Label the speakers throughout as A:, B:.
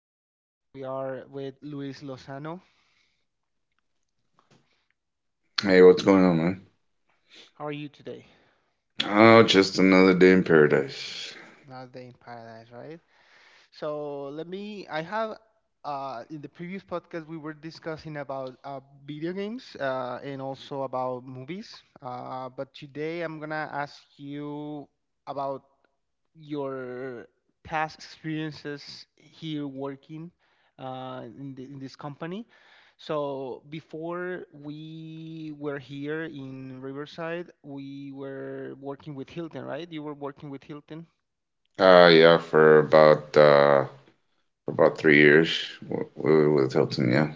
A: podcast. Today we are with Luis Lozano.
B: Hey, what's going on, man?
A: How are you today?
B: Oh, just another day in paradise.
A: Another day in paradise, right? So let me. I have In the previous podcast we were discussing about video games, and also about movies. But today I'm gonna ask you about your past experiences here working in in this company. So before we were here in Riverside, we were working with Hilton, right? You were working with Hilton.
B: Yeah, for about 3 years we were with Hilton, yeah.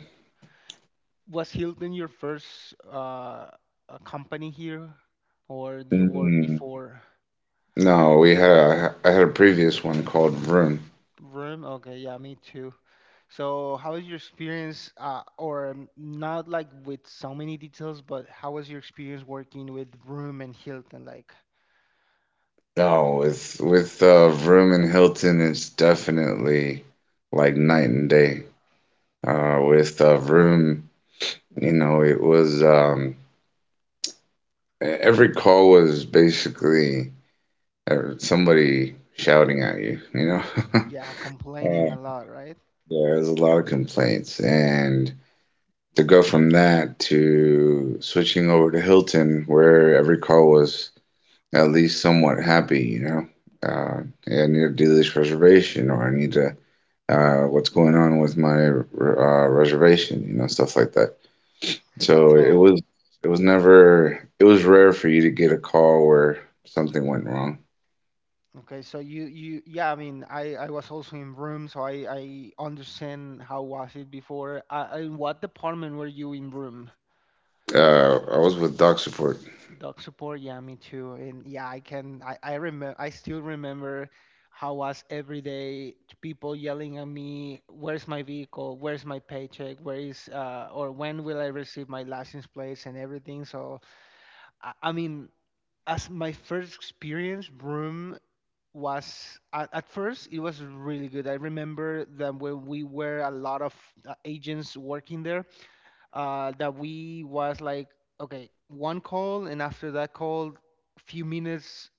A: Was Hilton your first company here, or you were
B: Mm,
A: before
B: no, we had I had a previous one called Vroom.
A: Room? Okay, yeah, me too. So, how was your experience, or not like with so many details, but how was your experience working with Room and Hilton? Like,
B: No, with Vroom and Hilton, it's definitely like night and day. With Vroom, it was every call was basically somebody shouting at you, you know.
A: yeah, complaining a lot, right?
B: There's a lot of complaints, and to go from that to switching over to Hilton, where every call was at least somewhat happy, you know, uh, hey, I need to do this reservation, or I need to, what's going on with my reservation, you know, stuff like that. So it
A: So,
B: was, it was never, it was rare for you to get a call where something went wrong.
A: okay, so you, yeah, I mean, I was also in Room, so I understand how was it before. In what department were you in Room?
B: I was with Doc Support.
A: Dog support, yeah, me too. And yeah, I can, I remember, I still remember how was every day, people yelling at me. Where's my vehicle? Where's my paycheck? Or when will I receive my license plates and everything? So, I mean, as my first experience, Broom was, at first, it was really good. I remember that when we were a lot of agents working there, that we was like, okay, one call and after that call few minutes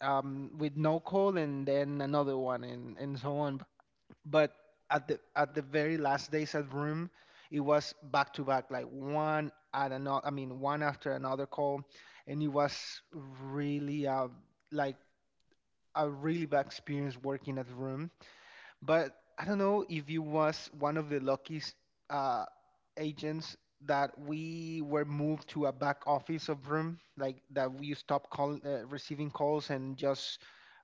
A: with no call and then another one, and so on. But at the very last days at room, it was back to back, like one at another, I mean, one after another call. And it was really, like, a really bad experience working at room. But I don't know if you was one of the lucky uh, agents that we were moved to a back office of room, like, that we stopped receiving calls and just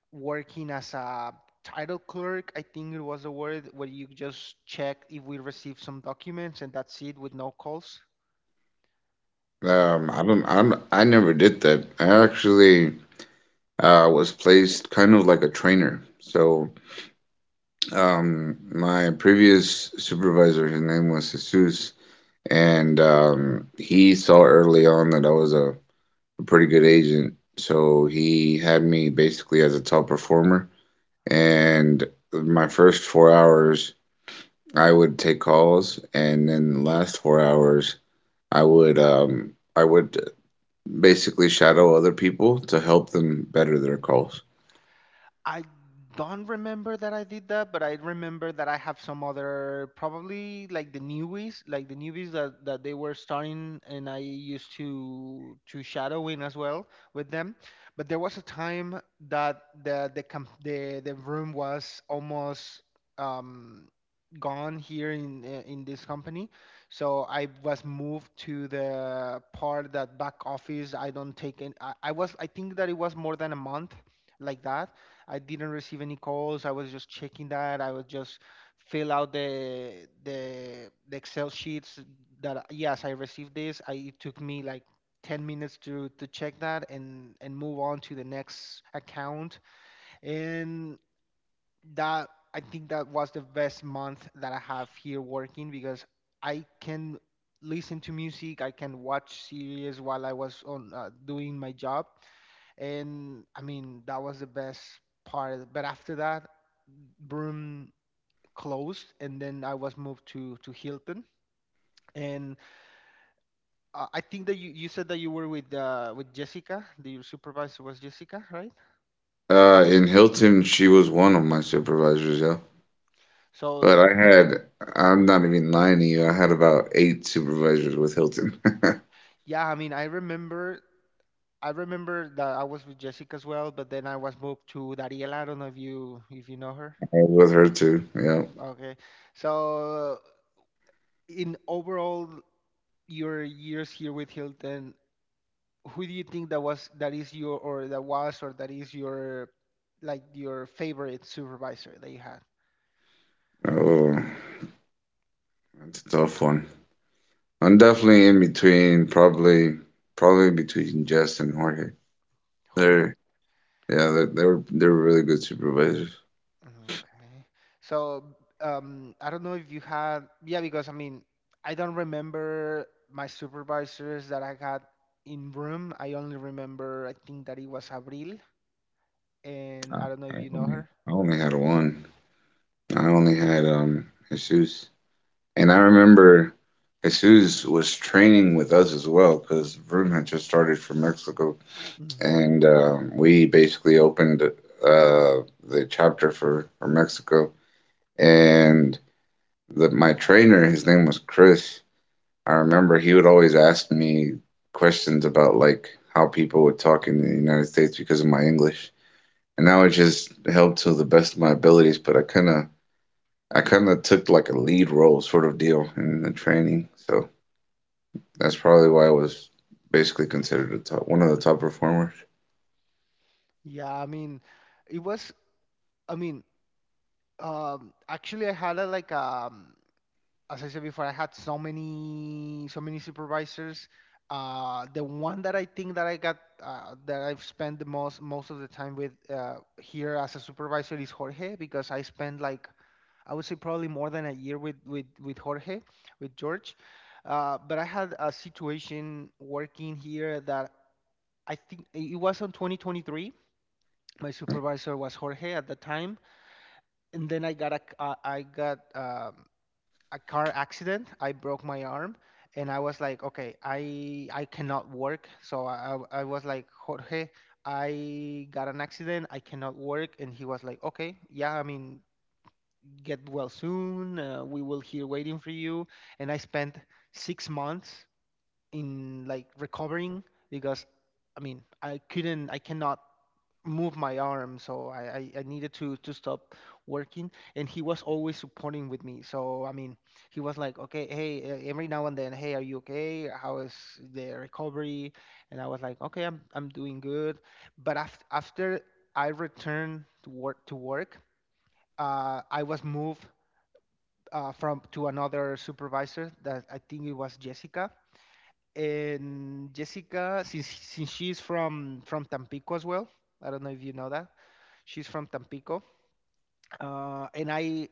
A: working as a title clerk. I think it was the word where you just check if we received some documents and that's it with no calls. Did,
B: I never did that. I actually was placed kind of like a trainer. So my previous supervisor, his name was Jesus, and he saw early on that I was a pretty good agent. So he had me basically as a top performer. And my first 4 hours, I would take calls, and then the last 4 hours, I would basically shadow other people to help them better their calls.
A: I don't remember that I did that, but I remember that I have some other, probably like the newbies that they were starting, and I used to shadow in as well with them. But there was a time that the camp, the room was almost um gone here in this company. So I was moved to the part, that back office. I don't take in. I think that it was more than a month like that. I didn't receive any calls. I was just checking that. I would just fill out the Excel sheets that, yes, I received this. I It took me like 10 minutes to check that and move on to the next account. And that, I think, that was the best month that I have here working, because I can listen to music, I can watch series while I was on, doing my job. And I mean, that was the best part. But after that, Broom closed, and then I was moved to Hilton. And I think that you said that you were with with Jessica. Your supervisor was Jessica, right?
B: In Hilton, she was one of my supervisors, yeah. But
A: So
B: I had, I'm not even lying to you, I had about 8 supervisors with Hilton. I
A: yeah, I mean, I remember that I was with Jessica as well, but then I was moved to Dariela. I don't know if you know her.
B: was with her too, yeah.
A: Okay, so, in overall your years here with Hilton, who do you think that was, that is your, or that was or that is your, like, your favorite supervisor that you had?
B: Oh, that's a tough one. I'm definitely in between, probably between Jess and Jorge.
A: Jorge.
B: They're, yeah, they were really good supervisors.
A: Okay, so I don't know if you had, yeah, because I mean, I don't remember my supervisors that I had in room. I only remember, I think that it was Abril, and
B: I,
A: I don't know if
B: I
A: you know
B: only,
A: her.
B: I only had one. I only had, Jesus. And I remember Jesus was training with us as well because Vroom had just started from Mexico,
A: Mm-hmm.
B: and we basically opened the chapter for Mexico. And my trainer, his name was Chris. I remember he would always ask me questions about like how people would talk in the United States because of my English, and I would just help to the best of my abilities. But I kind of took like a lead role sort of deal in the training, so. That's probably why I was basically considered a top, one of the top performers.
A: Yeah, I mean, it was, I mean, actually, I had a like a, um as I said before, I had so many supervisors. The one that I think that I got that I've spent the most of the time with, here as a supervisor, is Jorge, because I spent like, I would say probably more than a year with with Jorge, with George. But I had a situation working here that I think it was on 2023. My supervisor was Jorge at the time, and then I got a c- I got a car accident. I broke my arm, and I was like, okay, I cannot work. So I was like, Jorge, I got an accident. I cannot work. And he was like, okay, yeah, I mean, get well soon. We will here waiting for you. And I spent 6 months in, like, recovering, because I mean, I couldn't, I cannot move my arm, so I needed to stop working. And he was always supporting with me, so I mean, he was like, okay, hey, every now and then, hey, are you okay, how is the recovery? And I was like, okay, I'm doing good. But after I returned to work, I was moved from to another supervisor that, I think, it was Jessica. And Jessica, since she's from Tampico as well, I don't know if you know that. She's from Tampico, and I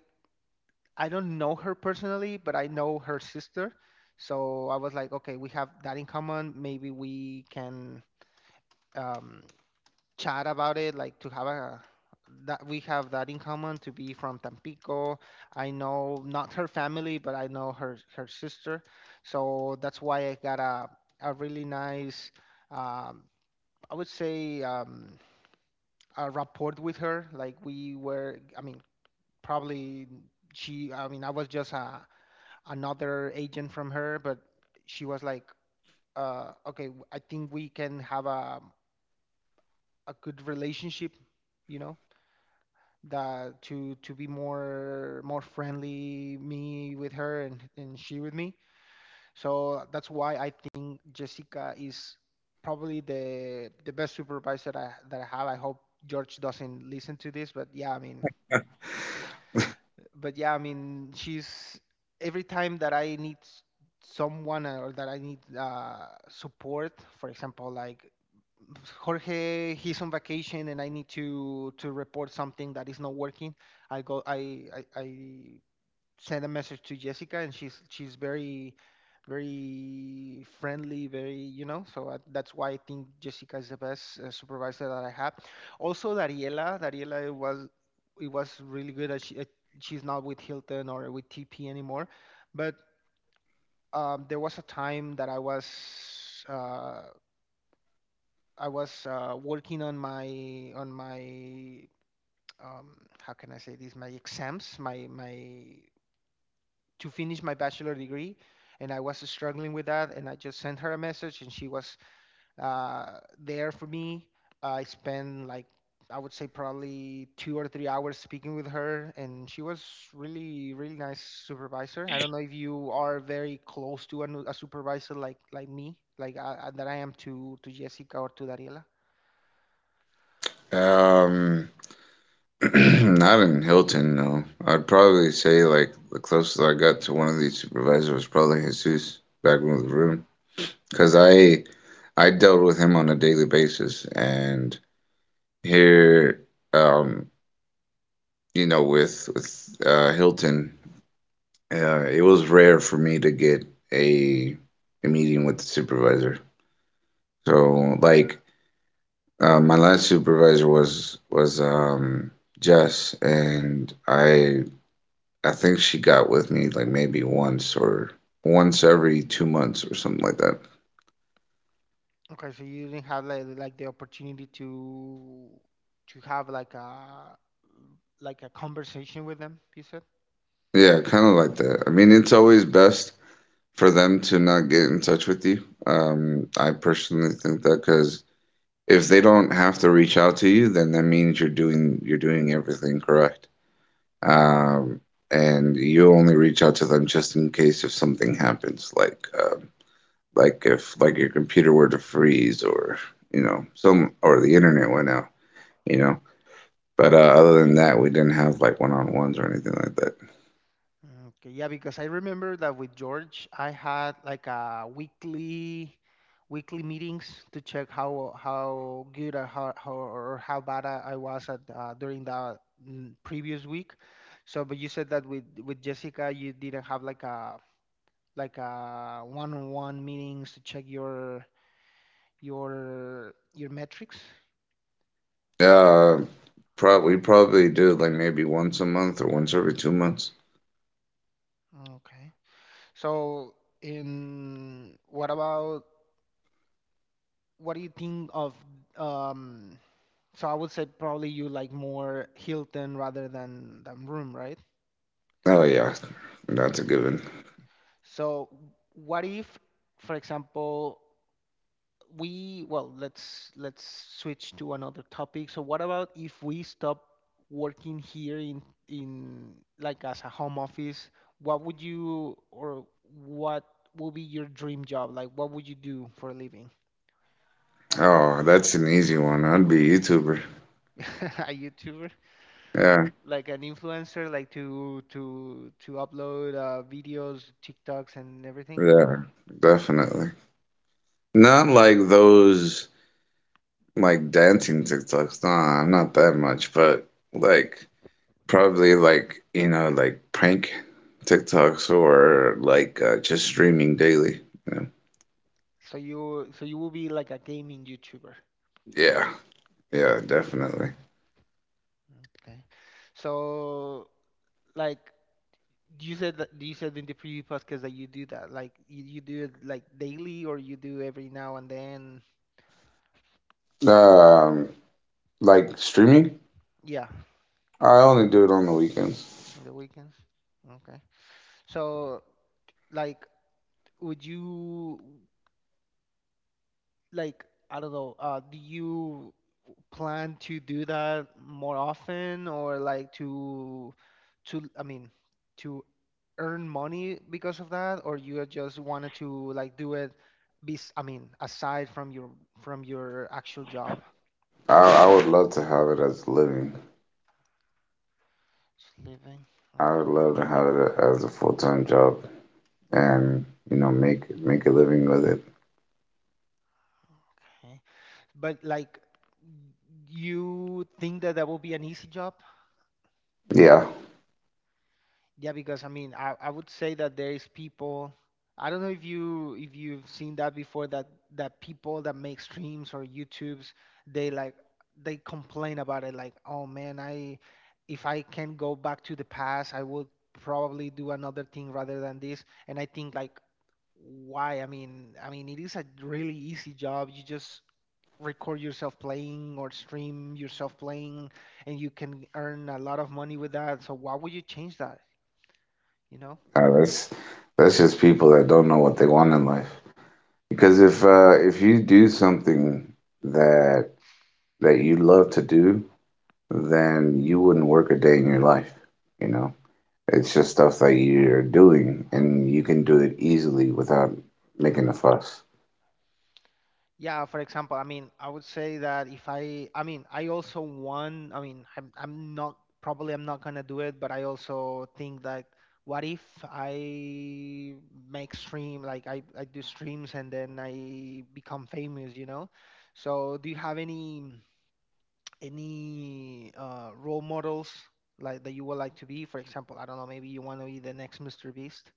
A: I don't know her personally, but I know her sister. So I was like, okay, we have that in common. Maybe we can, um, chat about it, like, to have a that we have that in common, to be from Tampico. I know not her family, but I know her sister. So that's why I got a really nice, Um, I would say, a rapport with her. Like, we were, I mean, probably, she I mean, I was just another agent from her, but she was like, okay, I think we can have a good relationship, you know, that to be more friendly, me with her, and she with me. So that's why I think Jessica is probably the best supervisor that I have. I hope George doesn't listen to this, but yeah, I mean, but yeah, I mean, she's every time that I need someone, or that I need support. For example, like, Jorge, he's on vacation and I need to report something that is not working. I go, I sent a message to Jessica, and she's very very friendly, very. That's why I think Jessica is the best supervisor that I have. Also, Dariela, it was really good. She's not with Hilton or with TP anymore, but there was a time that I was, working on my, um, how can I say this, my exams, my, to finish my bachelor degree. And I was struggling with that, and I just sent her a message, and she was, there for me. I spent like, I would say probably 2 or 3 hours speaking with her, and she was really really nice supervisor. I don't know if you are very close to a supervisor, like me, like that I am to Jessica or to Dariela.
B: Um, Not in Hilton, no. I'd probably say like the closest I got to one of these supervisors was probably Jesus back in the room, because I dealt with him on a daily basis, and here, um, you know, with Hilton, it was rare for me to get a a meeting with the supervisor. So like my last supervisor was Jess, and I think she got with me like maybe once or once every 2 months or something like that.
A: Okay, so you didn't have, like the opportunity to have, like a conversation with them, you said?
B: Yeah, kind of like that. I mean, it's always best for them to not get in touch with you. I personally think that because if they don't have to reach out to you, then that means you're doing everything correct.
A: Okay.
B: Um, and you only reach out to them just in case if something happens, like. Like if like your computer were to freeze or you know some or the internet went out, you know. But other than that we didn't have like one-on-ones or anything like that.
A: Okay. Yeah, because I remember that with George, I had like a weekly meetings to check how good or how bad I was at, during the, previous week. So, but you said that with Jessica, you didn't have like a, one-on-one meetings to check your metrics.
B: uh Probably do like maybe once a month or once every 2 months.
A: Okay. So, in what about what do you think of um I would say probably you like more Hilton rather than room, right?
B: Oh yeah, that's a given.
A: So what if, for example, we well, let's switch to another topic. So what about if we stop working here in like as a home office? What would be your dream job? Like, what would you do for a living?
B: Oh, that's an easy one. I'd be a YouTuber.
A: A YouTuber?
B: Yeah,
A: Like an influencer, like, to upload, videos, TikToks and everything?
B: yeah, definitely. Not like those like dancing TikToks, nah, I'm not that much. But like probably like, you know, like prank TikToks or like, just streaming daily. You know?
A: So you, will be like a gaming YouTuber.
B: Yeah, yeah, definitely.
A: Okay. So, like, you said that you said in the previous podcast that you do that. Like, you do it like, daily, or you do every now and then.
B: Um, like streaming,
A: Yeah,
B: I only do it on the weekends.
A: on the weekends. Okay. So like would you like I don't know, do you plan to do that more often or like to I mean to earn money because of that, or you just wanted to like do it be I mean aside from your actual job?
B: I would love to have it as a living.
A: Just living.
B: I would
A: Okay.
B: love to have it as a full-time job and, you know, make make a living with it.
A: Okay. But like, you think that that will be an easy job?
B: Yeah,
A: Yeah, because I mean, I would say that there is people. I don't know if you if you've seen that before, that that people that make streams or YouTubes, they like they complain about it like, "Oh man, I if I can go back to the past, I would probably do another thing rather than this." And I think like, why? I mean, it is a really easy job. You just record yourself playing or stream yourself playing, and you can earn a lot of money with that. So why would you change that? You know?
B: that's just people that don't know what they want in life. Because if you do something that that you love to do, then you wouldn't work a day in your life. You know, it's just stuff that you're doing and you can do it easily without making a fuss.
A: Yeah, for example, I mean, I would say that if I also want, I mean, I'm not probably, I'm not gonna do it, but I also think that what if I make stream, like I do streams and then I become famous, you know? So do you have any any role models, like, that you would like to be? For example, I don't know, maybe you want to be the next Mr. Beast.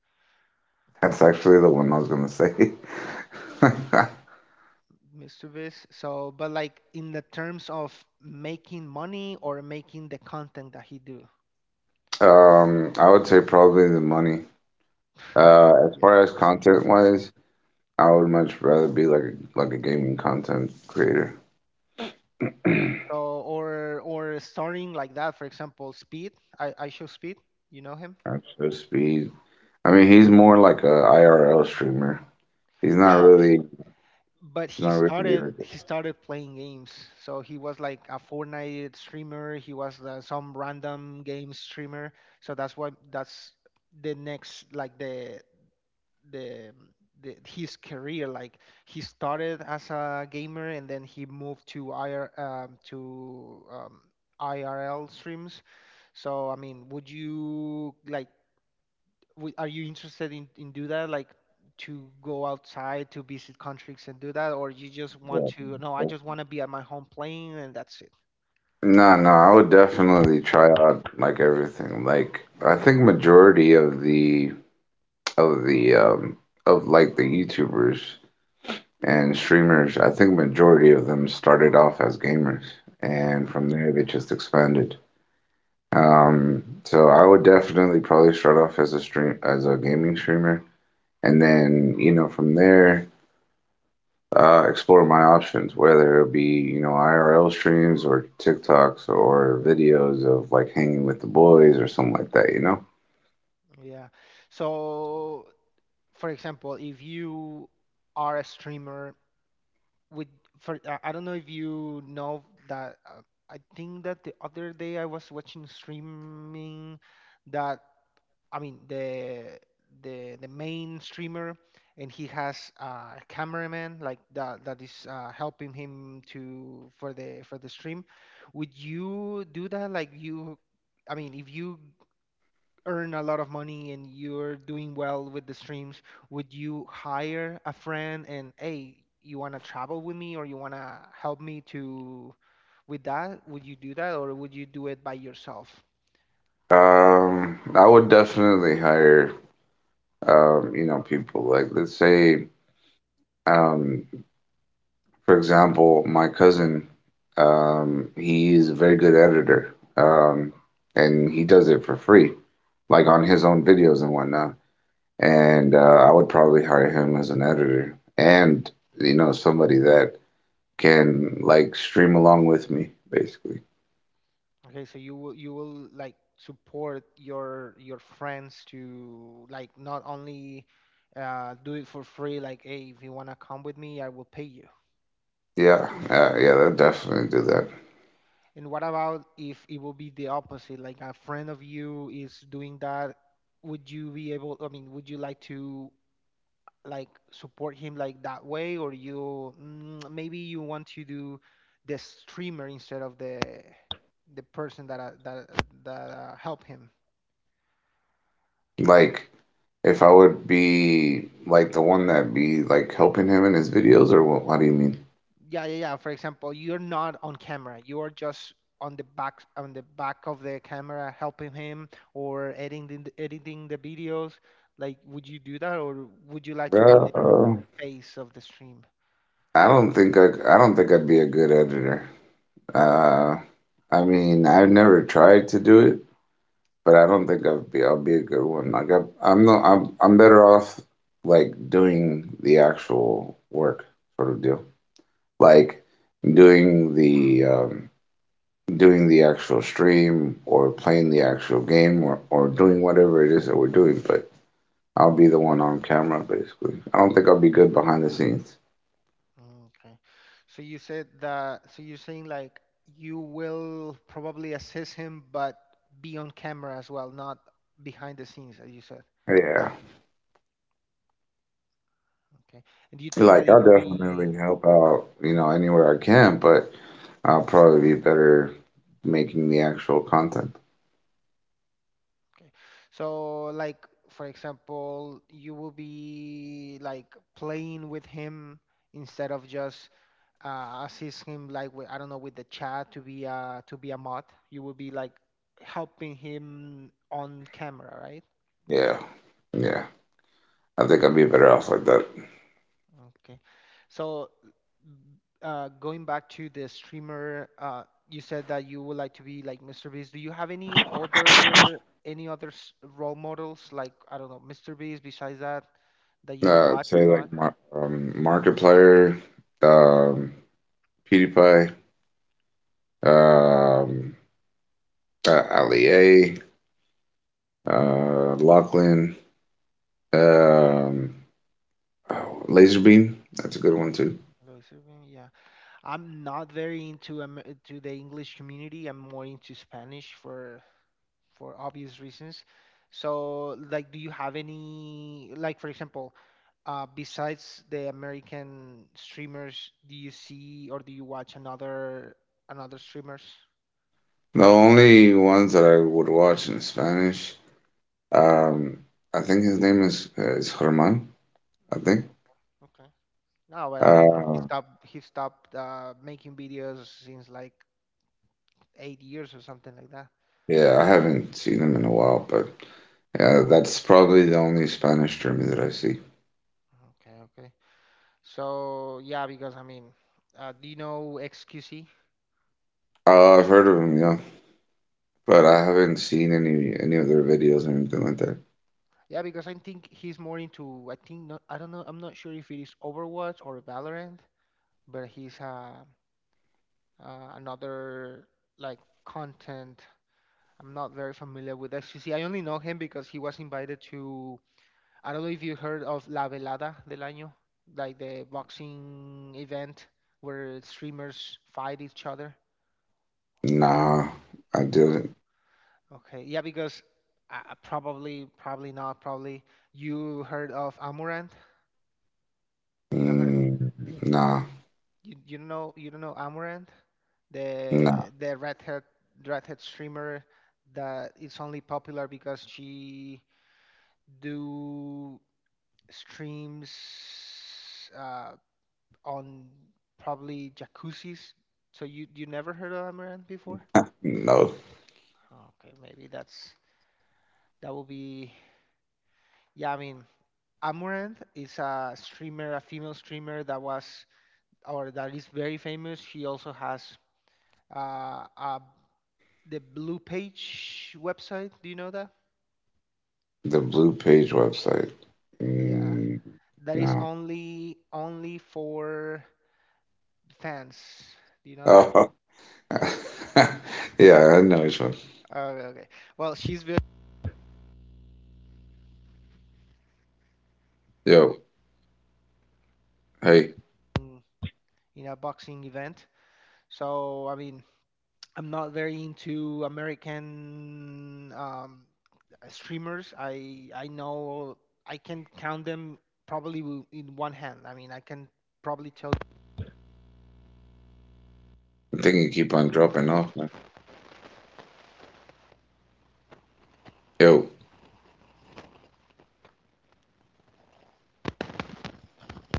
B: That's actually the one I was gonna say.
A: Mischievous. So, but like in the terms of making money or making the content that he do.
B: I would say probably the money. As
A: Yeah.
B: far as content wise, I would much rather be like like a gaming content creator.
A: So, or starting like that, for example, Speed. I show Speed. You know him?
B: That's just be. I mean, he's more like a IRL streamer. He's not
A: Yeah,
B: really,
A: but
B: he's
A: he
B: not really
A: started,
B: like
A: he started playing games. So he was like a Fortnite streamer. He was some random game streamer. So that's why that's the next, like, the the, the his career. Like, he started as a gamer, and then he moved to IR to IRL streams. So I mean, would you like? Are you interested in do that? Like to go outside to visit countries and do that, or you just want
B: a,
A: to? No, I
B: yeah.
A: just want to be at my home playing and that's it.
B: No, no, I would definitely try out like everything. Like I think majority of the of the um of like the YouTubers and streamers, I think majority of them started off as gamers
A: Yeah,
B: and from there they just expanded. So I would definitely probably start off as a gaming streamer and then, you know, from there explore my options, whether it be, you know, IRL streams or TikToks or videos of like hanging with the boys or something like that, you know?
A: yeah. So, for example, if you are a streamer with for I don't know if you know that I think that the other day I was watching streaming that, I mean, the the main streamer and he has a cameraman like that, that is helping him to for the stream. Would you do that? Like you, I mean, if you earn a lot of money and you're doing well with the streams, would you hire a friend and hey, you want to travel with me, or you want to help me to with that? Would you do that, or would you do it by yourself?
B: I would definitely hire, you know, people like, let's say, um, for example, my cousin, he is a very good editor, and he does it for free, like on his own videos and whatnot. And I would probably hire him as an editor and, you know, somebody that can like stream along with me, basically.
A: Okay, so you will, you will like support your friends to like not only do it for free, like hey, if you want to come with me, I will pay you.
B: Yeah, that definitely do that.
A: And what about if it will be the opposite? Like a friend of you is doing that, would you be able, I mean, would you like to like support him like that way, or you maybe you want to do the streamer instead of the person that help him?
B: Like, if I would be like the one that be like helping him in his videos, or what? What do you mean?
A: Yeah, yeah, yeah. For example, you're not on camera. You're just on the back, on the back of the camera helping him or editing editing the videos. Like, would you do that, or would you like to be
B: Bro,
A: phase of the stream.
B: I don't think I'd be a good editor. Uh, I mean, I've never tried to do it, but I don't think I'd be, I'll be a good one. Like, I, I'm not, I'm better off like doing the actual work sort of deal, like doing the um doing the actual stream or playing the actual game, or doing whatever it is that we're doing, but I'll be the one on camera basically. I don't think I'll be good behind the scenes.
A: Okay. So you said that, so you're saying like, you will probably assist him, but be on camera as well, not behind the scenes, as you said.
B: Yeah.
A: Okay. And do you think
B: Like
A: that it
B: I'll
A: will
B: definitely
A: be,
B: help out, you know, anywhere I can, but I'll probably be better making the actual content.
A: okay. So like, for example, you will be like playing with him instead of just assist him like with, I don't know, with the chat to be a mod. You will be like helping him on camera, right?
B: Yeah. Yeah. I think I'd be better off like that.
A: Okay. So, going back to the streamer, you said that you would like to be like Mr. Beast. Do you have any other role models, like, I don't know, Mr. Beast besides that that you
B: I'd
A: watch a
B: say
A: lot?
B: like Markiplier, um, PewDiePie, um, Ali A. Lachlan, um, oh, Laserbeam. That's a good one too.
A: Like, so, yeah. I'm not very into to the English community. I'm more into Spanish for obvious reasons. So, like, do you have any, like, for example, besides the American streamers, do you see or do you watch another another streamers?
B: The only ones that I would watch in Spanish, um, I think his name is Germán. I think.
A: Okay. Okay. No, but I mean, he
B: Uh,
A: stopped, he stopped making videos since like 8 years or something like that.
B: yeah, I haven't seen him in a while, but yeah, that's probably the only Spanish streamer that I see.
A: Okay, okay. So yeah, because I mean, do you know XQC?
B: I've heard of him, yeah, but I haven't seen any of their videos or anything like that.
A: Yeah, because I think he's more into, I think, not, I don't know, I'm not sure if it is Overwatch or Valorant, but he's another like content. I'm not very familiar with XQC. I only know him because he was invited to. I don't know if you heard of La Velada del Año, like the boxing event where streamers fight each other.
B: Nah, I
A: No.
B: didn't.
A: Okay. Yeah, because probably not. Probably you heard of Amurant. You know her?
B: Mm, nah,
A: You don't know, you don't know Amaranth,
B: nah,
A: the red hat streamer that is only popular because she do streams uh, on probably jacuzzis. So you never heard of Amaranth before?
B: no.
A: Okay, maybe that's that will be yeah, I mean, Amaranth is a streamer, a female streamer that was or that is very famous. She also has a the Blue Page website. Do you know that?
B: The Blue Page website.
A: Yeah,
B: Mm,
A: that is
B: no.
A: only, only for fans. Do you know that?
B: Oh. Yeah, I know which one.
A: Okay, okay. Well, she's very
B: Yo, hey,
A: in a boxing event, so I mean, I'm not very into American streamers. I know I can count them probably in one hand. I mean, I can probably tell.
B: I think you keep on dropping off now. Yo,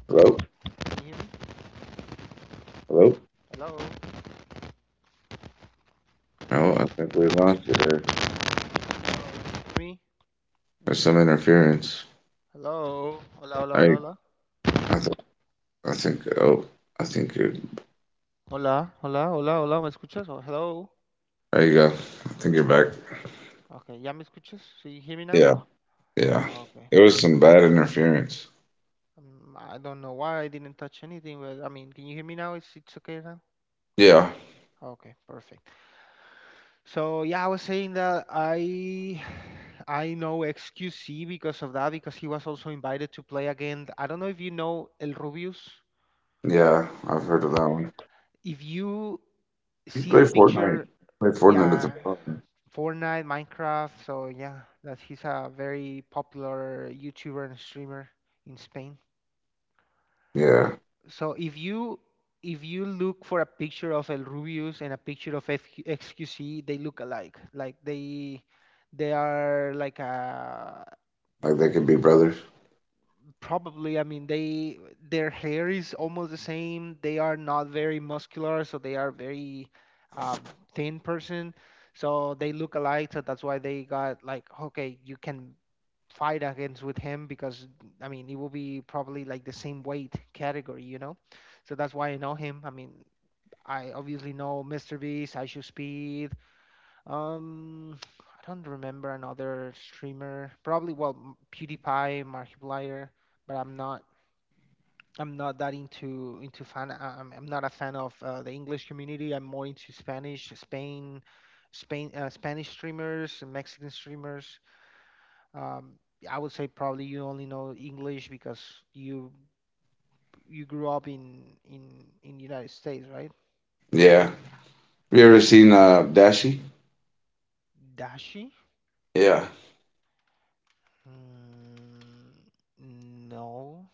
B: hello?
A: Can you hear me?
B: Hello?
A: Hello. Hello.
B: No, I think we lost you there.
A: Can you hear me?
B: There's some interference.
A: Hello. Hello. Hello. Hello.
B: I,
A: Hello?
B: I, th- I think, oh, I think you're,
A: Hola, hola, hola, hola, ¿me escuchas? Oh, hello.
B: there you go. I think you're back.
A: Okay, ¿ya me escuchas? Do you hear me now?
B: Yeah, yeah.
A: Okay,
B: It was
A: perfect.
B: some bad interference.
A: I don't know why I didn't touch anything, but I mean, can you hear me now? It's okay now?
B: Yeah,
A: Okay, perfect. So yeah, I was saying that I I know XQC because of that, because he was also invited to play again. I don't know if you know El Rubius.
B: yeah, I've heard of
A: Okay.
B: that one.
A: If you
B: You
A: see
B: play
A: a
B: Fortnite.
A: picture,
B: Play Fortnite at the
A: yeah,
B: bar.
A: Fortnite, Minecraft. So yeah, that he's a very popular YouTuber and streamer in Spain.
B: Yeah,
A: So if you, if you look for a picture of El Rubius and a picture of FQ, XQC, they look alike. Like they are like a
B: like they could be brothers.
A: probably, I mean, they their hair is almost the same. They are not very muscular, so they are very thin person. So they look alike. So that's why they got like, okay, you can fight against with him, because I mean, it will be probably like the same weight category, you know. So that's why I know him. I mean, I obviously know Mr. Beast, I Should Speed. I don't remember another streamer. Probably well, PewDiePie, Markiplier, but I'm not, I'm not that into fan. I'm not a fan of the English community. I'm more into Spanish, Spain, Spain, Spanish streamers, and Mexican streamers. Um, I would say probably you only know English because you you grew up in in United States, right?
B: Yeah. You ever seen Dashi?
A: Dashi?
B: Yeah.
A: Mm, no,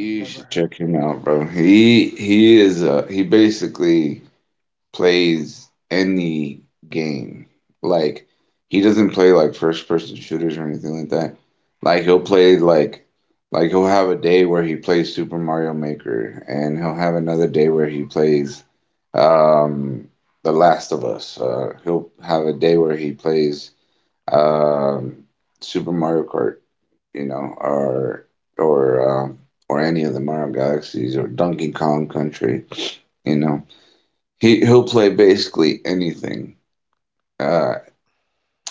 A: I've never
B: should
A: heard.
B: check him out, bro. He basically plays any game. Like he doesn't play like first person shooters or anything like that. Like he'll play like he'll have a day where he plays Super Mario Maker and he'll have another day where he plays um The Last of Us. He'll have a day where he plays um Super Mario Kart, you know, or um, or any of the Mario Galaxies or Donkey Kong Country. You know, he he'll play basically anything. Uh,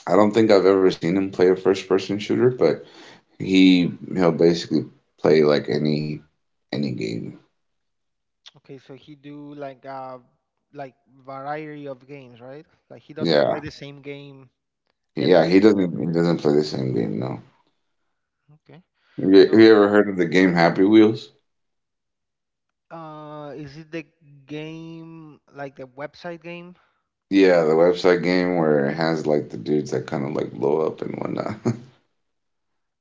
B: I don't think I've ever seen him play a first person shooter, but he he'll basically play like any game.
A: Okay, so he do like variety of games, right? Like he doesn't play
B: Yeah,
A: the same game every
B: yeah.
A: day.
B: He doesn't play the same game. No.
A: Okay.
B: Have
A: So,
B: you ever heard of the game Happy Wheels?
A: is it the game like the website game?
B: Yeah, the website game where it has like the dudes that kind of like blow up and whatnot.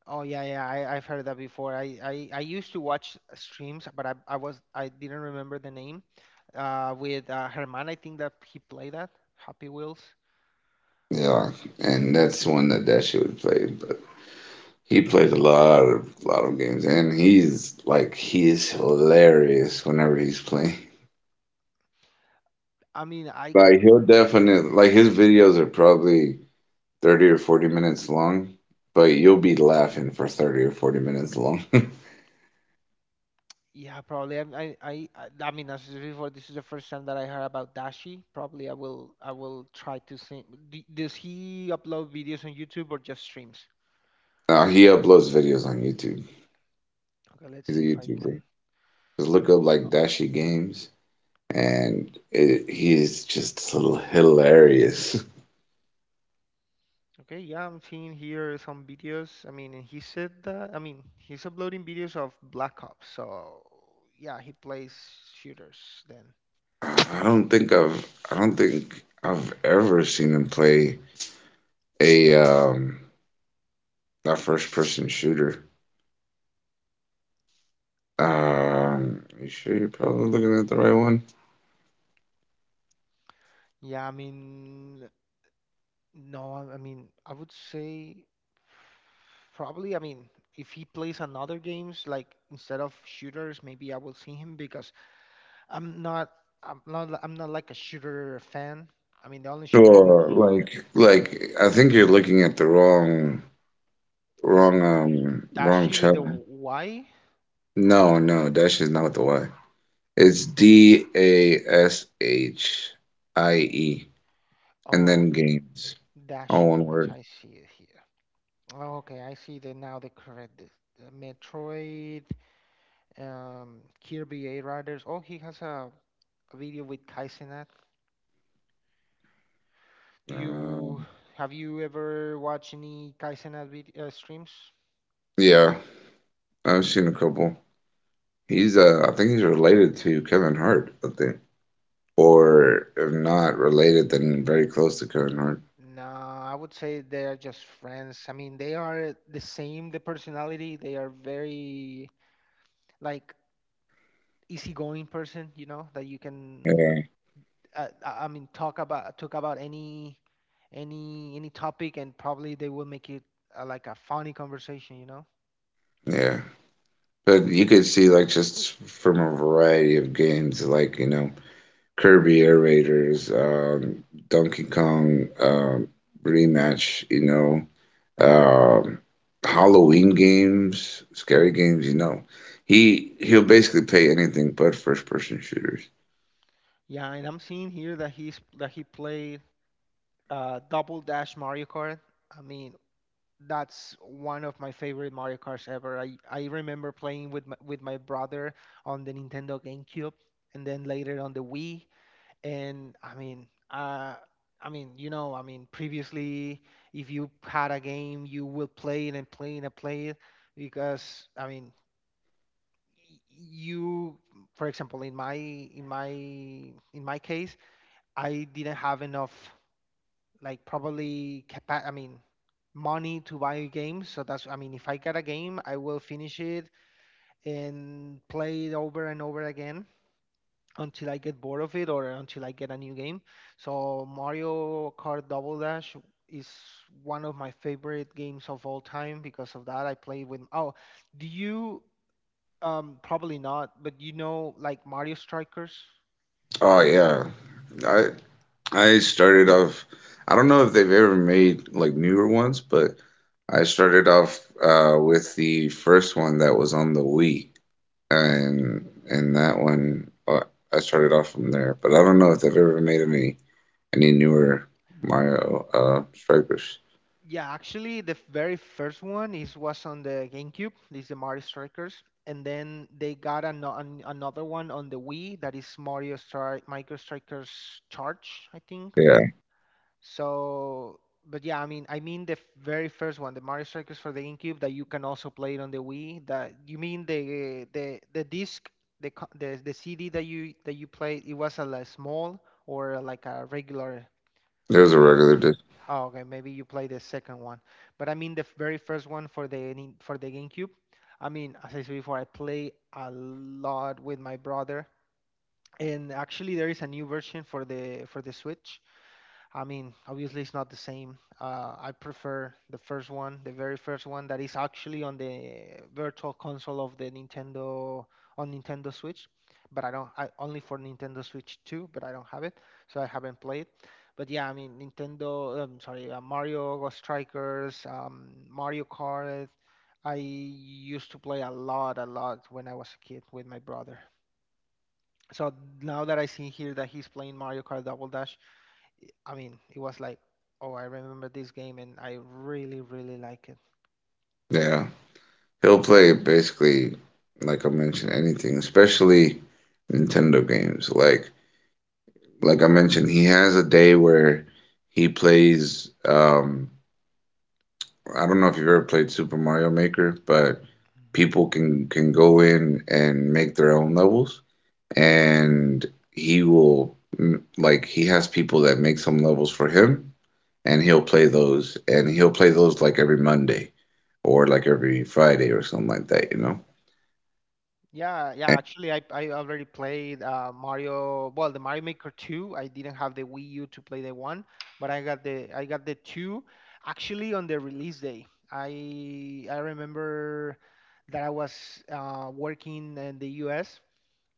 A: Oh yeah, yeah, I've heard that before. I used to watch streams, but I was, I didn't remember the name. With Herman, I think that he played that Happy Wheels.
B: Yeah, and that's one that that shit would play. But. He plays a lot of games, and he is hilarious whenever he's playing.
A: I mean, I
B: Like he'll definitely like his videos are probably 30 or 40 minutes long, but you'll be laughing for 30 or 40 minutes long.
A: yeah, probably. I mean, as I said before, this is the first time that I heard about Dashi. Probably, I will try to see. Does he upload videos on YouTube or just streams?
B: Now he uploads videos on YouTube.
A: Okay, let's
B: He's a
A: see if I can.
B: YouTuber. Just look up like Dashi Games, and it, he's just hilarious.
A: Okay, yeah, I'm seeing here some videos. I mean, and he said that, I mean, he's uploading videos of Black Ops, so yeah, he plays shooters then.
B: I don't think I've ever seen him play a That first person shooter. You sure you're probably looking at the right one?
A: Yeah, I mean, no, I mean, I would say probably, I mean, if he plays another games like instead of shooters, maybe I will see him because I'm not, I'm not like a shooter fan. I mean, the only shooter
B: Or like I think you're looking at the wrong,
A: is
B: wrong, um, wrong
A: Dashi with a
B: channel.
A: Y.
B: No, no, Dash is not with the Y. It's Dashie, and
A: Oh,
B: then
A: okay.
B: games, all
A: Dashi
B: one
A: games,
B: word.
A: I see it here. Oh, okay, I see that now. The correct the Metroid, Kirby A Riders. Oh, he has a video with Kaizenat. Do
B: Uh,
A: you have you ever watched any Kaizenat vid streams?
B: yeah, I've seen a couple. He's, I think he's related to Kevin Hart, I think, or if not related, then very close to Kevin Hart.
A: No, I would say they're just friends. I mean, they are the same, the personality. They are very like easygoing person, you know, that you can
B: Yeah.
A: talk about any any topic, and probably they will make it like a funny conversation, you know?
B: Yeah, but you could see like just from a variety of games, like Kirby Air Raiders, Donkey Kong Rematch, um, Halloween games, scary games. He'll basically play anything but first person shooters.
A: Yeah, and I'm seeing here that he played Double Dash Mario Kart. I mean, that's one of my favorite Mario Karts ever. I remember playing with my brother on the Nintendo GameCube, and then later on the Wii. And I mean, you know, I mean, previously, if you had a game, you will play it and play it and play it because, y- you, for example, in my case, I didn't have enough, like probably capa- I mean, money to buy games. So that's, I mean, if I get a game, I will finish it and play it over and over again until I get bored of it or until I get a new game. So Mario Kart Double Dash is one of my favorite games of all time because of that. I play with. Oh, do you? Probably not, but you know, like Mario Strikers.
B: Oh yeah, I I started off. I don't know if they've ever made like newer ones, but I started off with the first one that was on the Wii, and that one I started off from there, but I don't know if they've ever made any newer Mario strikers.
A: Yeah, actually, the very first one is was on the GameCube. This is the Mario Strikers, and then they got another one on the Wii that is Micro Strikers Charge, I think.
B: Yeah,
A: So, but yeah, the very first one, the Mario Strikers for the GameCube that you can also play it on the Wii. That you mean the disc, the co- the CD that you played, it was a like, small or like a regular
B: there's a
A: game.
B: regular dude.
A: Oh, okay, maybe you play the second one, but I mean the very first one for the for the GameCube. I mean, as I said before, I play a lot with my brother, and actually there is a new version for the Switch. I mean, obviously it's not the same. I prefer the first one, the very first one that is actually on the virtual console of the Nintendo on Nintendo Switch, but I don't. I only for Nintendo Switch 2, but I don't have it, so I haven't played. But yeah, Nintendo. Sorry, Mario Ghost Strikers, Mario Kart. I used to play a lot when I was a kid with my brother. So now that I see here that he's playing Mario Kart Double Dash, I mean, it was like, oh, I remember this game and I really, really like it.
B: Yeah, he'll play basically like I mentioned anything, especially Nintendo games. Like I mentioned, he has a day where he plays. I don't know if you've ever played Super Mario Maker, but
A: Mhm.
B: people can go in and make their own levels, and he will like he has people that make some levels for him, and he'll play those and he'll play those like every monday or like every friday or something like that.
A: Yeah, yeah.
B: And
A: Actually, I already played Mario. Well, the Mario Maker 2. I didn't have the Wii U to play the one, but I got the two. Actually, on the release day, I remember that I was working in the U.S.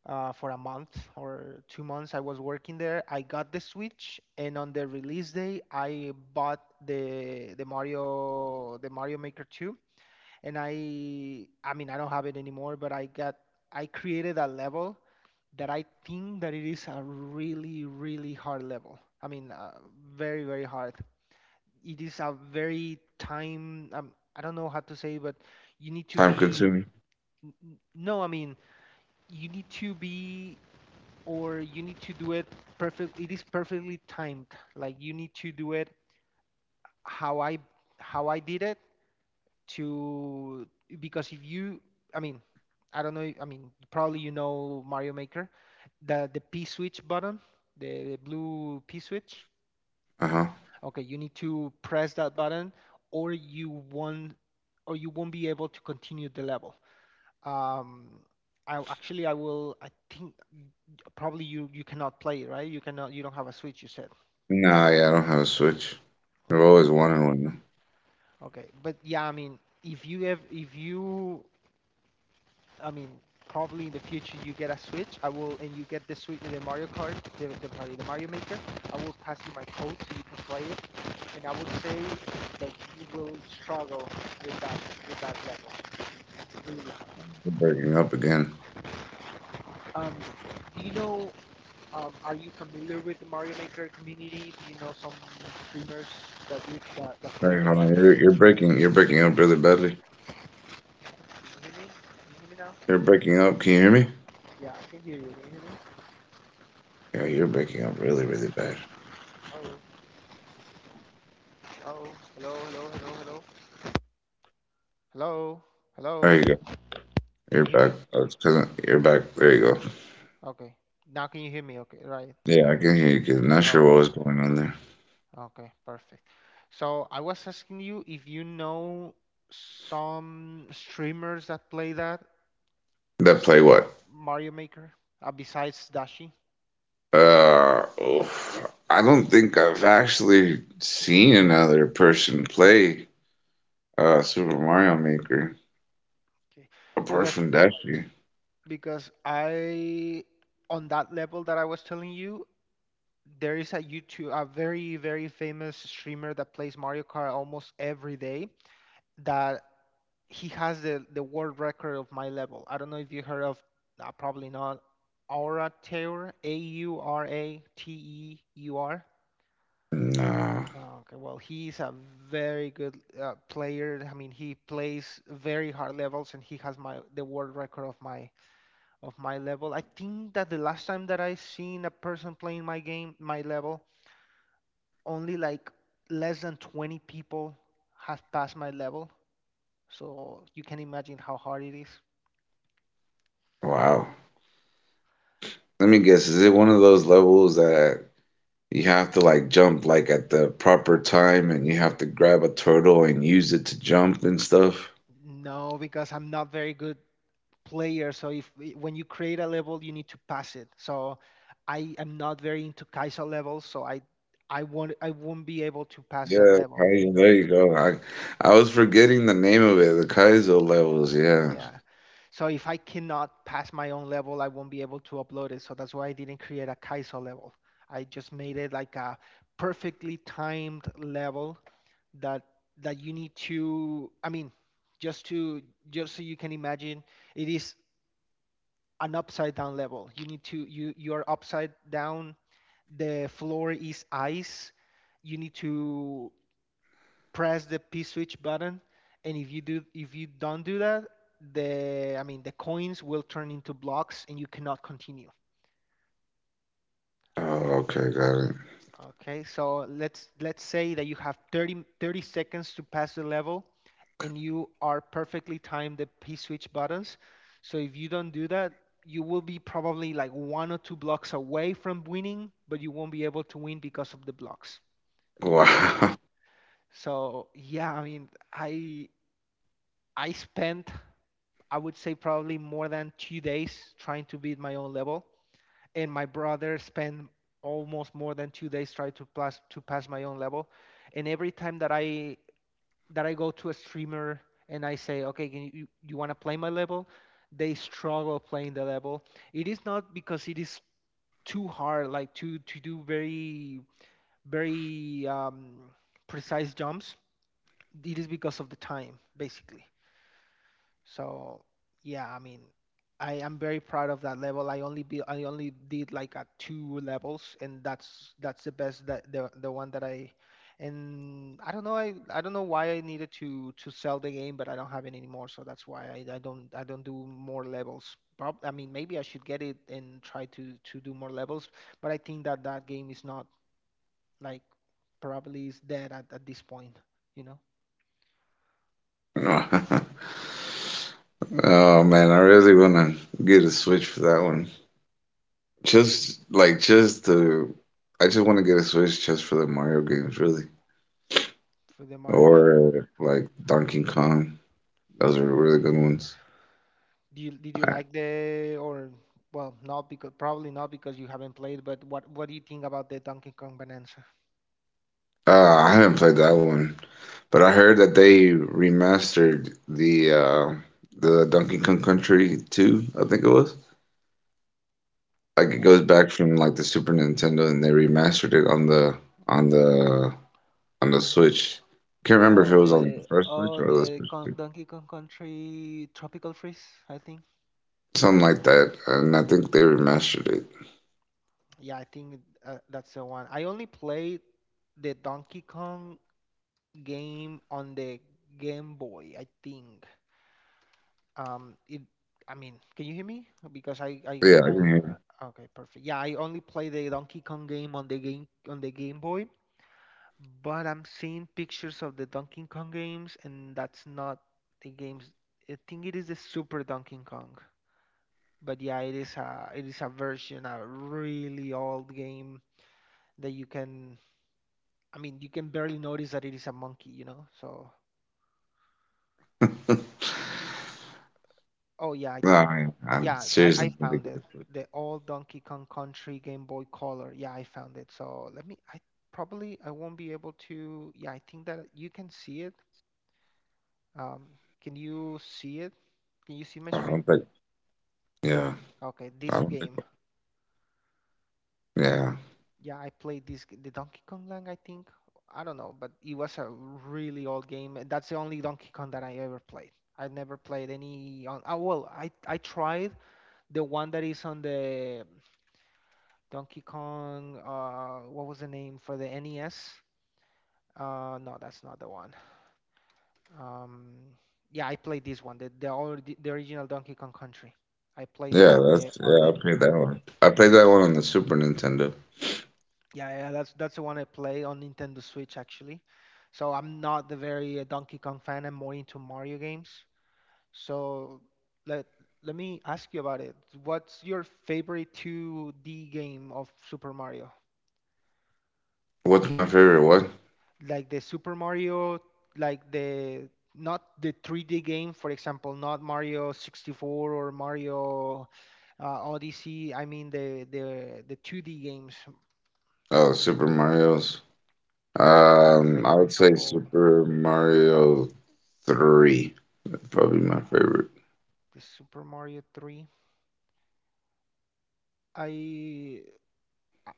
A: for a month or 2 months. I was working there. I got the Switch, and on the release day, I bought the Mario Maker 2. And I don't have it anymore, but I created a level that I think that it is a really really hard level. Very very hard. It is a very time I don't know how to say, but you need
B: time
A: to
B: consuming.
A: be no. I mean you need to be or you need to do it perfect. It is perfectly timed, like you need to do it how I how I did it to because if you, I mean I don't know. I mean probably you know Mario Maker, the P switch button, the blue P switch.
B: Uh-huh.
A: Okay, you need to press that button or you won't, or you won't be able to continue the level. Um, I actually I will. I think probably you cannot play it, right? You cannot. You don't have a Switch. You said.
B: Nah, yeah, I don't have a Switch. I've always
A: Okay.
B: wanted one.
A: Okay. But yeah, if you, I mean, probably in the future you get a Switch. I will, and you get the Switch, the Mario Kart, the, sorry, the Mario Maker. I will pass you my code so you can play it, and I would say that you will struggle with that with that level. Really.
B: You're breaking up again.
A: Um, do you know? Are you familiar with the Mario Maker community? Do you know some streamers that that plays
B: Hey,
A: the
B: hold on,
A: game?
B: you're breaking up really badly.
A: Can you hear me? Can you hear me now?
B: You're breaking up, can you hear me?
A: Yeah, I can hear you. Can you hear me?
B: Yeah, you're breaking up really really bad.
A: Oh, oh, hello, hello, hello, hello. Hello, hello,
B: There you go,
A: can
B: you're
A: you hear
B: back.
A: me?
B: Oh, that's because you're back. There you go.
A: Okay. Now can you hear me? Okay, right.
B: Yeah, I can hear you, 'cause I'm not sure
A: Uh,
B: what was going on there.
A: okay, perfect. So I was asking you if you know some streamers that play that
B: That play what?
A: Mario Maker, besides Dashi.
B: Oof. I don't think I've actually seen another person play Super Mario Maker
A: Okay.
B: apart
A: Because
B: from Dashi.
A: because I, on that level that I was telling you, there is a YouTube a very very famous streamer that plays Mario Kart almost every day that he has the world record of my level. I don't know if you heard of probably not Aura Teur, Aurateur.
B: No.
A: Oh, okay, well, he's a very good player. I mean, he plays very hard levels, and he has my the world record of my level. I think that the last time that I seen a person playing my game, my level, only like less than 20 people have passed my level. So you can imagine how hard it is.
B: Wow. Let me guess. Is it one of those levels that you have to like jump like at the proper time, and you have to grab a turtle and use it to jump and stuff?
A: No, because I'm not very good player. So if when you create a level, you need to pass it. So I am not very into Kai'Sa levels, so I won't be able to pass that
B: Yeah,
A: level, you
B: Kaizo,
A: know?
B: there you go. I was forgetting the name of it, the Kaizo levels, yeah.
A: Yeah. So if I cannot pass my own level, I won't be able to upload it. So that's why I didn't create a Kaizo level. I just made it like a perfectly timed level that you need to. Just to just so you can imagine, it is an upside down level. You need to You you are upside down, the floor is ice. You need to press the P switch button, and if you don't do that, the I mean the coins will turn into blocks and you cannot continue.
B: Oh, okay, got
A: Okay, so let's say that you have 30 seconds to pass the level, and you are perfectly timed the P switch buttons. So if you don't do that, you will be probably like one or two blocks away from winning, but you won't be able to win because of the blocks. So
B: it.
A: so yeah, I spent. I would say probably more than 2 days trying to beat my own level, and my brother spent almost more than 2 days trying to pass my own level. And every time that I go to a streamer and I say, okay, can you you want to play my level? They struggle playing the level. It is not because it is too hard, like to do very very um, precise jumps. It is because of the time, basically. So yeah, I mean, I am very proud of that level. I only did like at two levels, and that's the best that the one that I. And I don't know. I don't know why I needed to sell the game, but I don't have it anymore, so that's why I don't do more levels. Prob, I mean maybe I should get it and try to do more levels, but I think that that game is not like probably is dead at this point, you know,
B: Wow. Oh man, I really wanna get a Switch for that one. Just like just to, I just want to get a Switch just for the Mario games, really,
A: for the Mario game.
B: or like Donkey Kong. Those are really good ones.
A: Do you Did you
B: I,
A: like the? Or well, not because probably not because you haven't played, but what do you think about the Donkey Kong Bonanza?
B: I haven't played that one, but I heard that they remastered the Donkey Kong Country 2, I think it was.
A: The
B: Like it
A: Don.
B: goes back from like the Super Nintendo, and they remastered it on on the the Switch. Can't remember if it was on the first Switch
A: Oh
B: or the
A: the Con
B: Switch
A: Donkey Kong Country Tropical Freeze, I think.
B: something like that. And I think they remastered it.
A: Yeah, I think that's the one. I only played the Donkey Kong game on the Game Boy, I think. It. I mean, can you hear me? Because
B: Yeah, I can
A: I.
B: hear
A: uh, okay, perfect. Yeah, I only play the Donkey Kong game on the Game Boy. But I'm seeing pictures of the Donkey Kong games, and that's not the games. I think it is the Super Donkey Kong. But yeah, it is a version, a really old game that you can. I mean, you can barely notice that it is a monkey, you know. So,
B: you.
A: oh yeah,
B: No, I mean, I'm
A: yeah, I
B: seriously need to
A: found
B: get a
A: it.
B: Switch.
A: The old Donkey Kong Country Game Boy Color. Yeah, I found it. So let me. I probably I won't be able to. Yeah, I think that you can see it. Um, can you see it? Can you see my
B: I don't
A: screen?
B: think. Yeah,
A: Okay,
B: I
A: this
B: don't think.
A: game.
B: Yeah,
A: Yeah, I played the Donkey Kong Land, I think. I don't know, but it was a really old game. That's the only Donkey Kong that I ever played. I never played any on oh, well, I tried the one that is on the Donkey Kong what was the name for the NES? No, that's not the one. Um yeah, I played this one, the original Donkey Kong Country. I played this
B: yeah,
A: on the
B: that's
A: on
B: yeah.
A: the
B: I played that one. I played that one on the Super Nintendo.
A: Yeah, that's the one I play on Nintendo Switch actually. So I'm not the very Donkey Kong fan. I'm more into Mario games. So let let me ask you about it. What's your favorite 2D game of Super Mario?
B: What's my favorite one?
A: Like the Super Mario, like the Not the 3D game, for example, not Mario 64 or Mario Odyssey. I mean the 2D games.
B: Oh, Super Mario's.
A: Yeah, like
B: I
A: for
B: would say
A: example,
B: Super Mario 3. That'd probably be my favorite.
A: the Super Mario 3. I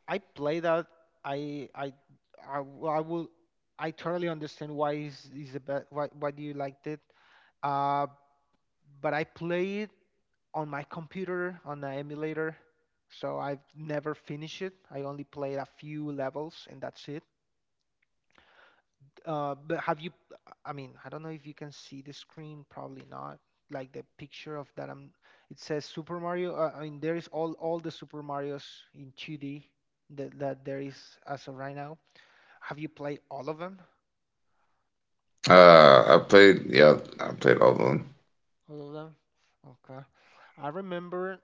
A: I play that. I I I will. I totally understand why is the best. Why do you liked it? Uh, but I play it on my computer on the emulator, so I've never finished it. I only played a few levels and that's it. But have you? I mean, I don't know if you can see the screen. Probably not. Like the picture of that. I'm. It says Super Mario. I mean, there is all the Super Mario's in 2D that there is as of right now. Have you played all of them?
B: I played. Yeah, I played all of them.
A: All of them. Okay. I remember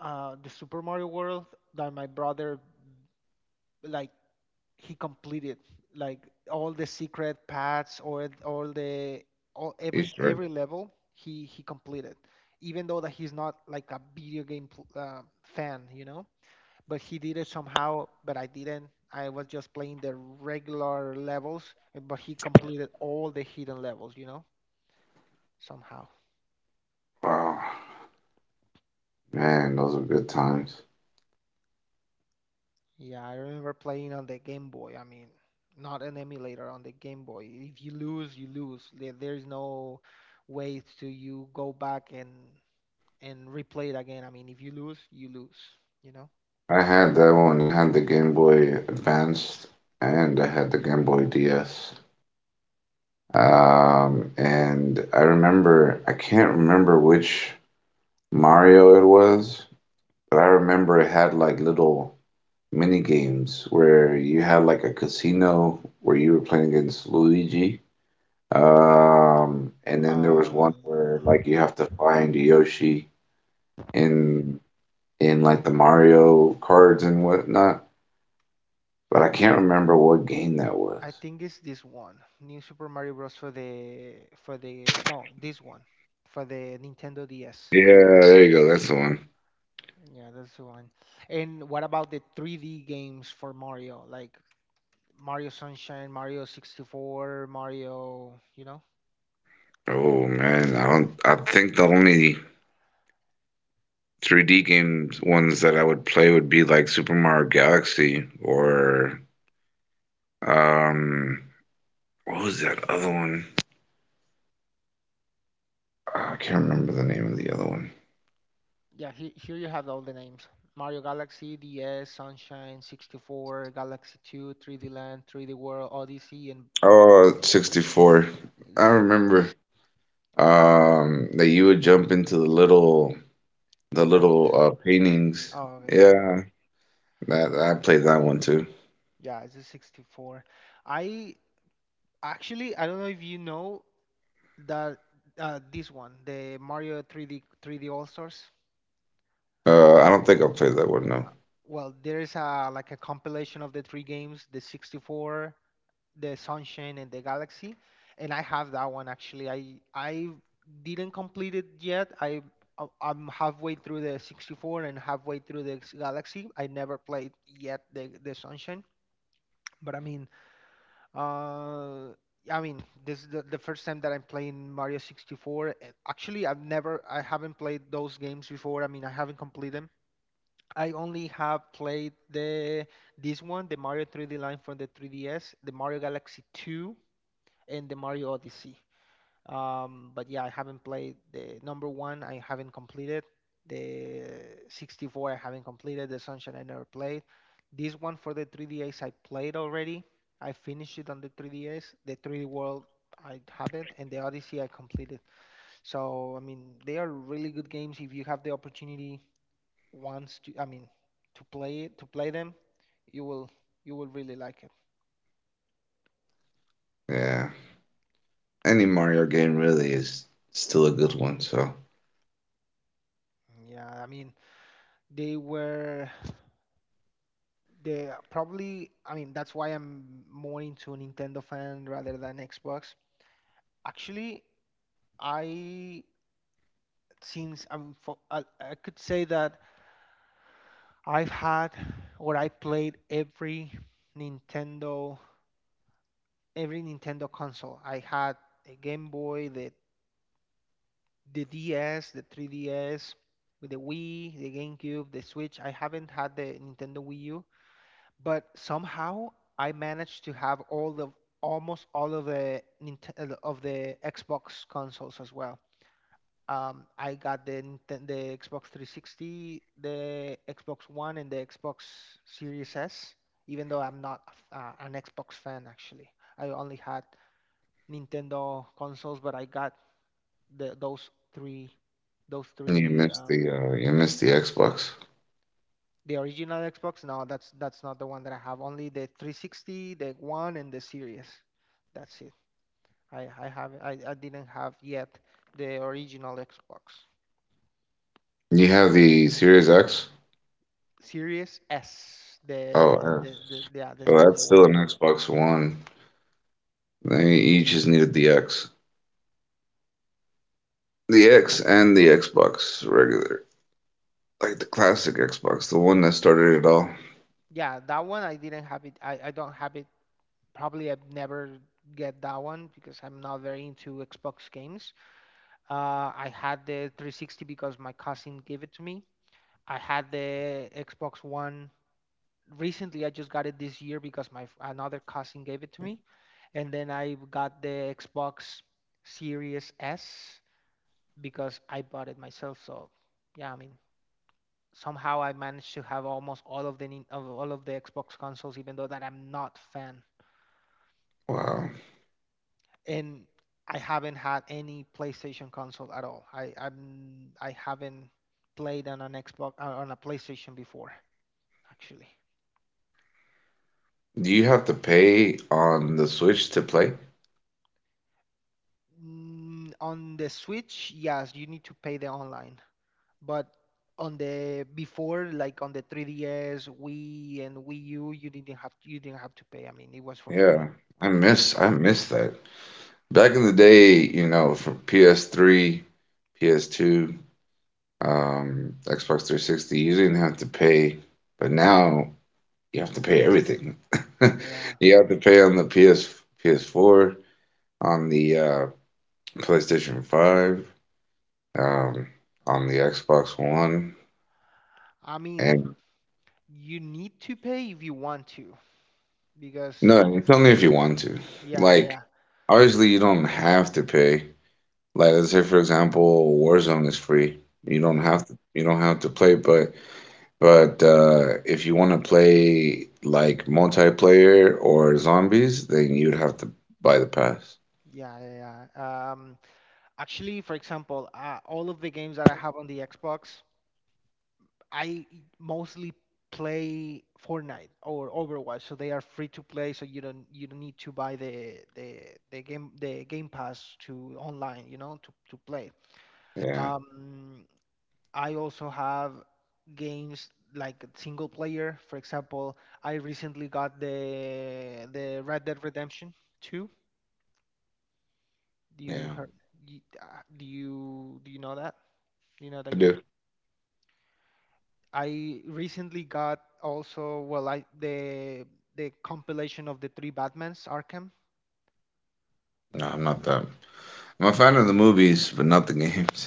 A: the Super Mario World that my brother like he completed like all the secret paths or all
B: Easter egg.
A: every level he completed even though that he's not like a video game fan, you know, but he did it somehow, but I didn't. I was just playing the regular levels but he completed all the hidden levels, you know, somehow.
B: Wow, man, those are good times.
A: Yeah, I remember playing on the Game Boy. I mean, not an emulator on the Game Boy. If you lose, you lose. There's no way to you go back and replay it again. I mean, if you lose, you lose, you know?
B: I had that one. I had the Game Boy Advanced, and I had the Game Boy DS. And I remember, I can't remember which Mario it was, but I remember it had like little mini games where you had like a casino where you were playing against Luigi. And then there was
A: Uh,
B: one where like you have to find Yoshi in in like the Mario cards and whatnot, but I can't remember what game that
A: I
B: was.
A: think it's this one, New Super Mario Bros. For the no, this one for the Nintendo DS.
B: Yeah, there you go. That's the one.
A: Yeah, that's the one. And what about the 3D games for Mario? Like Mario Sunshine, Mario 64, Mario, you know?
B: Oh man, I don't. I think the only 3D games ones that I would play would be like Super Mario Galaxy or um, what was that other one? Ah, I can't remember the name of the other one.
A: Yeah, he, here you have all the names. Mario Galaxy, DS, Sunshine, 64, Galaxy 2, 3D Land, 3D World, Odyssey, and
B: Oh, 64.
A: is
B: I
A: it six
B: remember that you would jump into the little
A: frames.
B: paintings.
A: Oh, okay, yeah.
B: Yeah, that I played that one too.
A: Yeah, it's a 64. I Actually, I don't know if you know that this one, the Mario 3D 3D All Stars.
B: I don't think I played that one, no.
A: Well, there is a like a compilation of the three games, the 64, the Sunshine and the Galaxy, and I have that one actually. I didn't complete it yet. I'm halfway through the 64 and halfway through the Galaxy. I never played yet the Sunshine, but uh, I mean this is the first time that I'm playing Mario 64. And actually, I haven't played those games before. I mean, I haven't completed them. I only have played the this one, the Mario 3D line from the 3DS, the Mario Galaxy 2, in the Mario Odyssey. But yeah, I haven't played the number one. I haven't completed the 64. I haven't completed the Sunshine. I never played this one for the 3DS. I played already. I finished it on the 3DS. The 3D World I haven't, and the Odyssey I completed. So I mean, they are really good games. If you have the opportunity once to, I mean, to play to play them, you will you will really like it.
B: Yeah. Any Mario game really is still a good one. So
A: Yeah, I mean, they were. The Probably, I mean that's why I'm more into Nintendo fan rather than Xbox. Actually, I since I could say that I've had or I played Nintendo every Nintendo console. I had a Game Boy, the DS, the 3DS, with the Wii, the GameCube, the Switch. I haven't had the Nintendo Wii U, but somehow I managed to have all the almost all of the Nintendo of the Xbox consoles as well. I got the Xbox 360, the Xbox One, and the Xbox Series S. Even though I'm not an Xbox fan, actually, I only had Nintendo consoles, but I got the those three those three um,
B: you missed the Xbox.
A: The original Xbox? No, that's not the one that I have. Only the 360, the One, and the Series. That's it. I didn't have yet the original Xbox.
B: You have the Series X.
A: Series S,
B: Oh, F.
A: the yeah, the
B: So that's
A: smaller one.
B: still an Xbox One. They each just needed the X, and the Xbox regular, like the classic Xbox, the one that started it all.
A: Yeah, that one I didn't have it. I don't have it. Probably I've never get that one because I'm not very into Xbox games. I had the 360 because my cousin gave it to me. I had the Xbox One recently. I just got it this year because another cousin gave it to me, and then I got the Xbox Series S because I bought it myself. So yeah, I mean somehow I managed to have almost all of the Xbox consoles, even though that I'm not fan,
B: Wow.
A: and I haven't had any PlayStation console at all. I I'm I haven't played on an Xbox on a PlayStation before actually.
B: Do you have to pay on the Switch to play?
A: Mm, on the Switch, yes, you need to pay the online. But on the before, like on the 3DS, Wii and Wii U, you didn't have to pay. I mean, it was for free.
B: Yeah, I
A: Yeah.
B: miss I miss that. Back in the day, from PS3, PS2, Xbox 360, you didn't have to pay, but now you have to pay everything.
A: Yeah.
B: You have to pay on the PS PS4, on the PlayStation 5, um, on the Xbox One,
A: I mean,
B: and
A: you need to pay if you want to, because
B: no, it's only if you want to.
A: yeah, yeah,
B: Like,
A: yeah,
B: obviously, you don't have to pay. Like, let's say for example, Warzone is free. You don't
A: yeah.
B: have to. You don't have to play, But if you want to play like multiplayer or zombies, then you'd have to buy the pass.
A: Yeah, yeah, yeah. Actually, for example, all of the games that I have on the Xbox, I mostly play Fortnite or Overwatch, so they are free to play. So you don't need to buy the Game Pass to online, you know, to play.
B: Yeah,
A: Um, I also have games like single player. For example, I recently got the Red Dead Redemption 2. Do you
B: yeah,
A: heard? You, do you do you know that? Do you know
B: I
A: that game?
B: do.
A: I recently got also well I the compilation of the three Batmans Arkham.
B: No, I'm not that. I'm a fan of the movies, but not the games.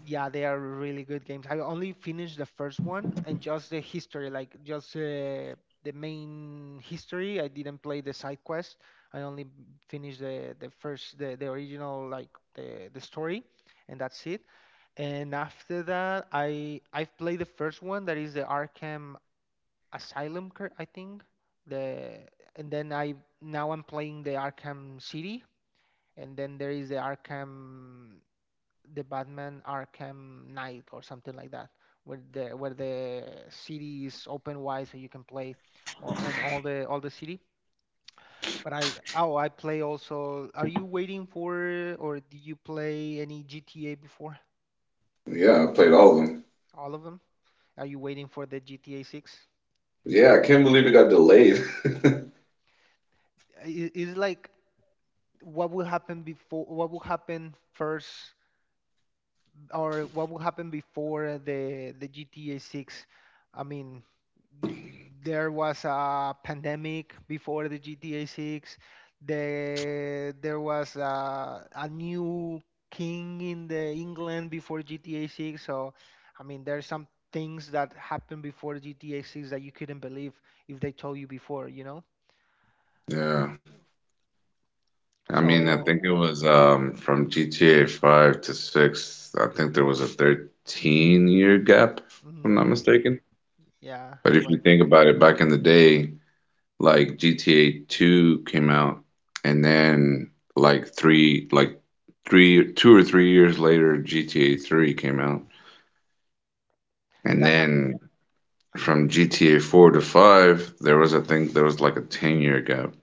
A: Yeah, they are really good games. I only finished the first one and just the history, like just the main history. I didn't play the side quest. I only finished the original like the story and that's it. And after that, I've played the first one that is the Arkham Asylum, I think. The and then I Now I'm playing the Arkham City, and then there is the Batman Arkham Knight or something like that, where the city is open wide, so you can play, all, and all the city. But I play also. Are you waiting for or did you play any GTA before?
B: Yeah, I played all of them.
A: All of them? Are you waiting for the GTA 6?
B: Yeah, I can't believe it got delayed.
A: Is it like what will happen before what will happen first or what will happen before the GTA 6? I mean there was a pandemic before the GTA 6, there was a new king in the England before GTA 6. So I mean there's some things that happened before GTA 6 that you couldn't believe if they told you before, you know.
B: Yeah, I mean, I
A: So
B: think it was from GTA 5 to 6. I think there was a 13-year gap, if I'm not
A: mhm,
B: mistaken.
A: yeah
B: But
A: it
B: if
A: was
B: you think about it, back in the day, like GTA 2 came out, and then like 3, like 3, 2 or 3 years later, GTA 3 came out, and
A: that
B: then from GTA 4 to 5 there was I think there was like a 10-year gap,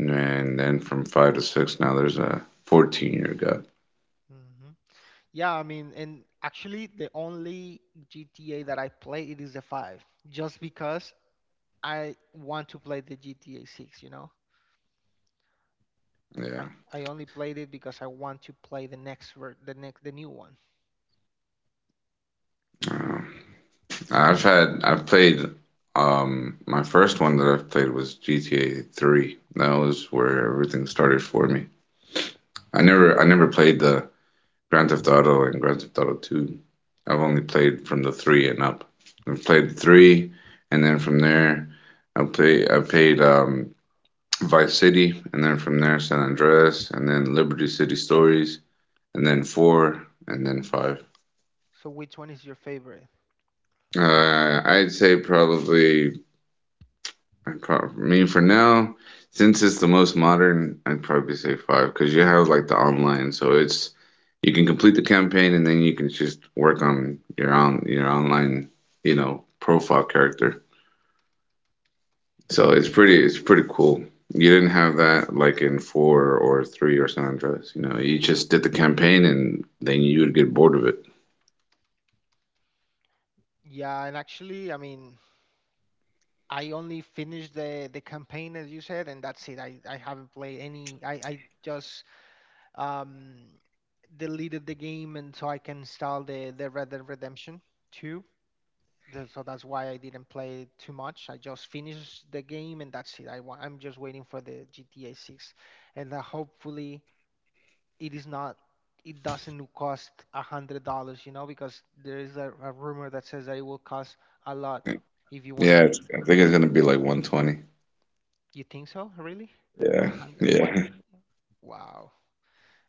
B: and then from 5 to 6 now there's a 14-year gap.
A: hmm. Yeah, I mean, and actually, the only GTA that I play it is the five, just because I want to play the GTA six. You know,
B: Yeah.
A: I I only played it because I want to play the next the new one.
B: uh, I've played my first one that I've played was GTA 3, that was where everything started for me. I never played the Grand Theft Auto and Grand Theft Auto 2. I've only played from the three and up. I've played three, and then from there, I played Vice City, and then from there San Andreas, and then Liberty City Stories, and then four, and then five.
A: So which one is your favorite?
B: Uh, I'd say probably I'd probably, I mean for now, since it's the most modern, I'd probably say five because you have like the online, so it's you can complete the campaign and then you can just work on your online, profile character. So it's pretty cool. You didn't have that like in four or three or San Andreas. You just did the campaign and then you would get bored of it.
A: Yeah, and actually, I mean, I only finished the campaign as you said, and that's it. I haven't played any. I just um deleted the game, and so I can install the Red Dead Redemption two. So that's why I didn't play too much. I just finished the game and that's it. I'm just waiting for the GTA 6, and hopefully it is not it doesn't cost $100, you know, because there is a rumor that says that it will cost a lot if you wanna.
B: Yeah, it's, I think it's gonna be like 120.
A: You think so? Really? A
B: Yeah,
A: hundred, one
B: yeah.
A: twenty? Wow.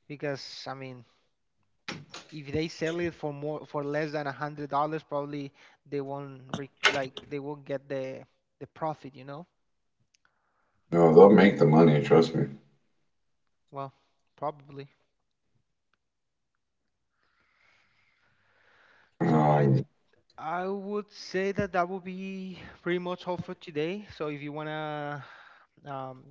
A: Because I mean, if they sell it for more for less than $100, probably they won't re- like they won't get the profit, you know.
B: No, they'll make the money, trust me.
A: Well, probably. So I
B: Um,
A: I would say that that would be pretty much all for today. So if you wanna um,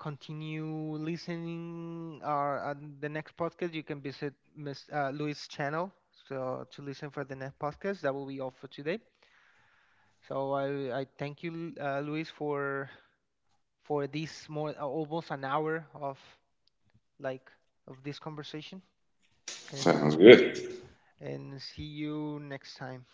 A: continue listening or on the next podcast, you can visit Miss Louis' channel so to listen for the next podcast. That will be all for today. So I thank you, Louis, for this more almost an hour of like of this conversation
B: Sounds
A: and
B: good.
A: see you next time.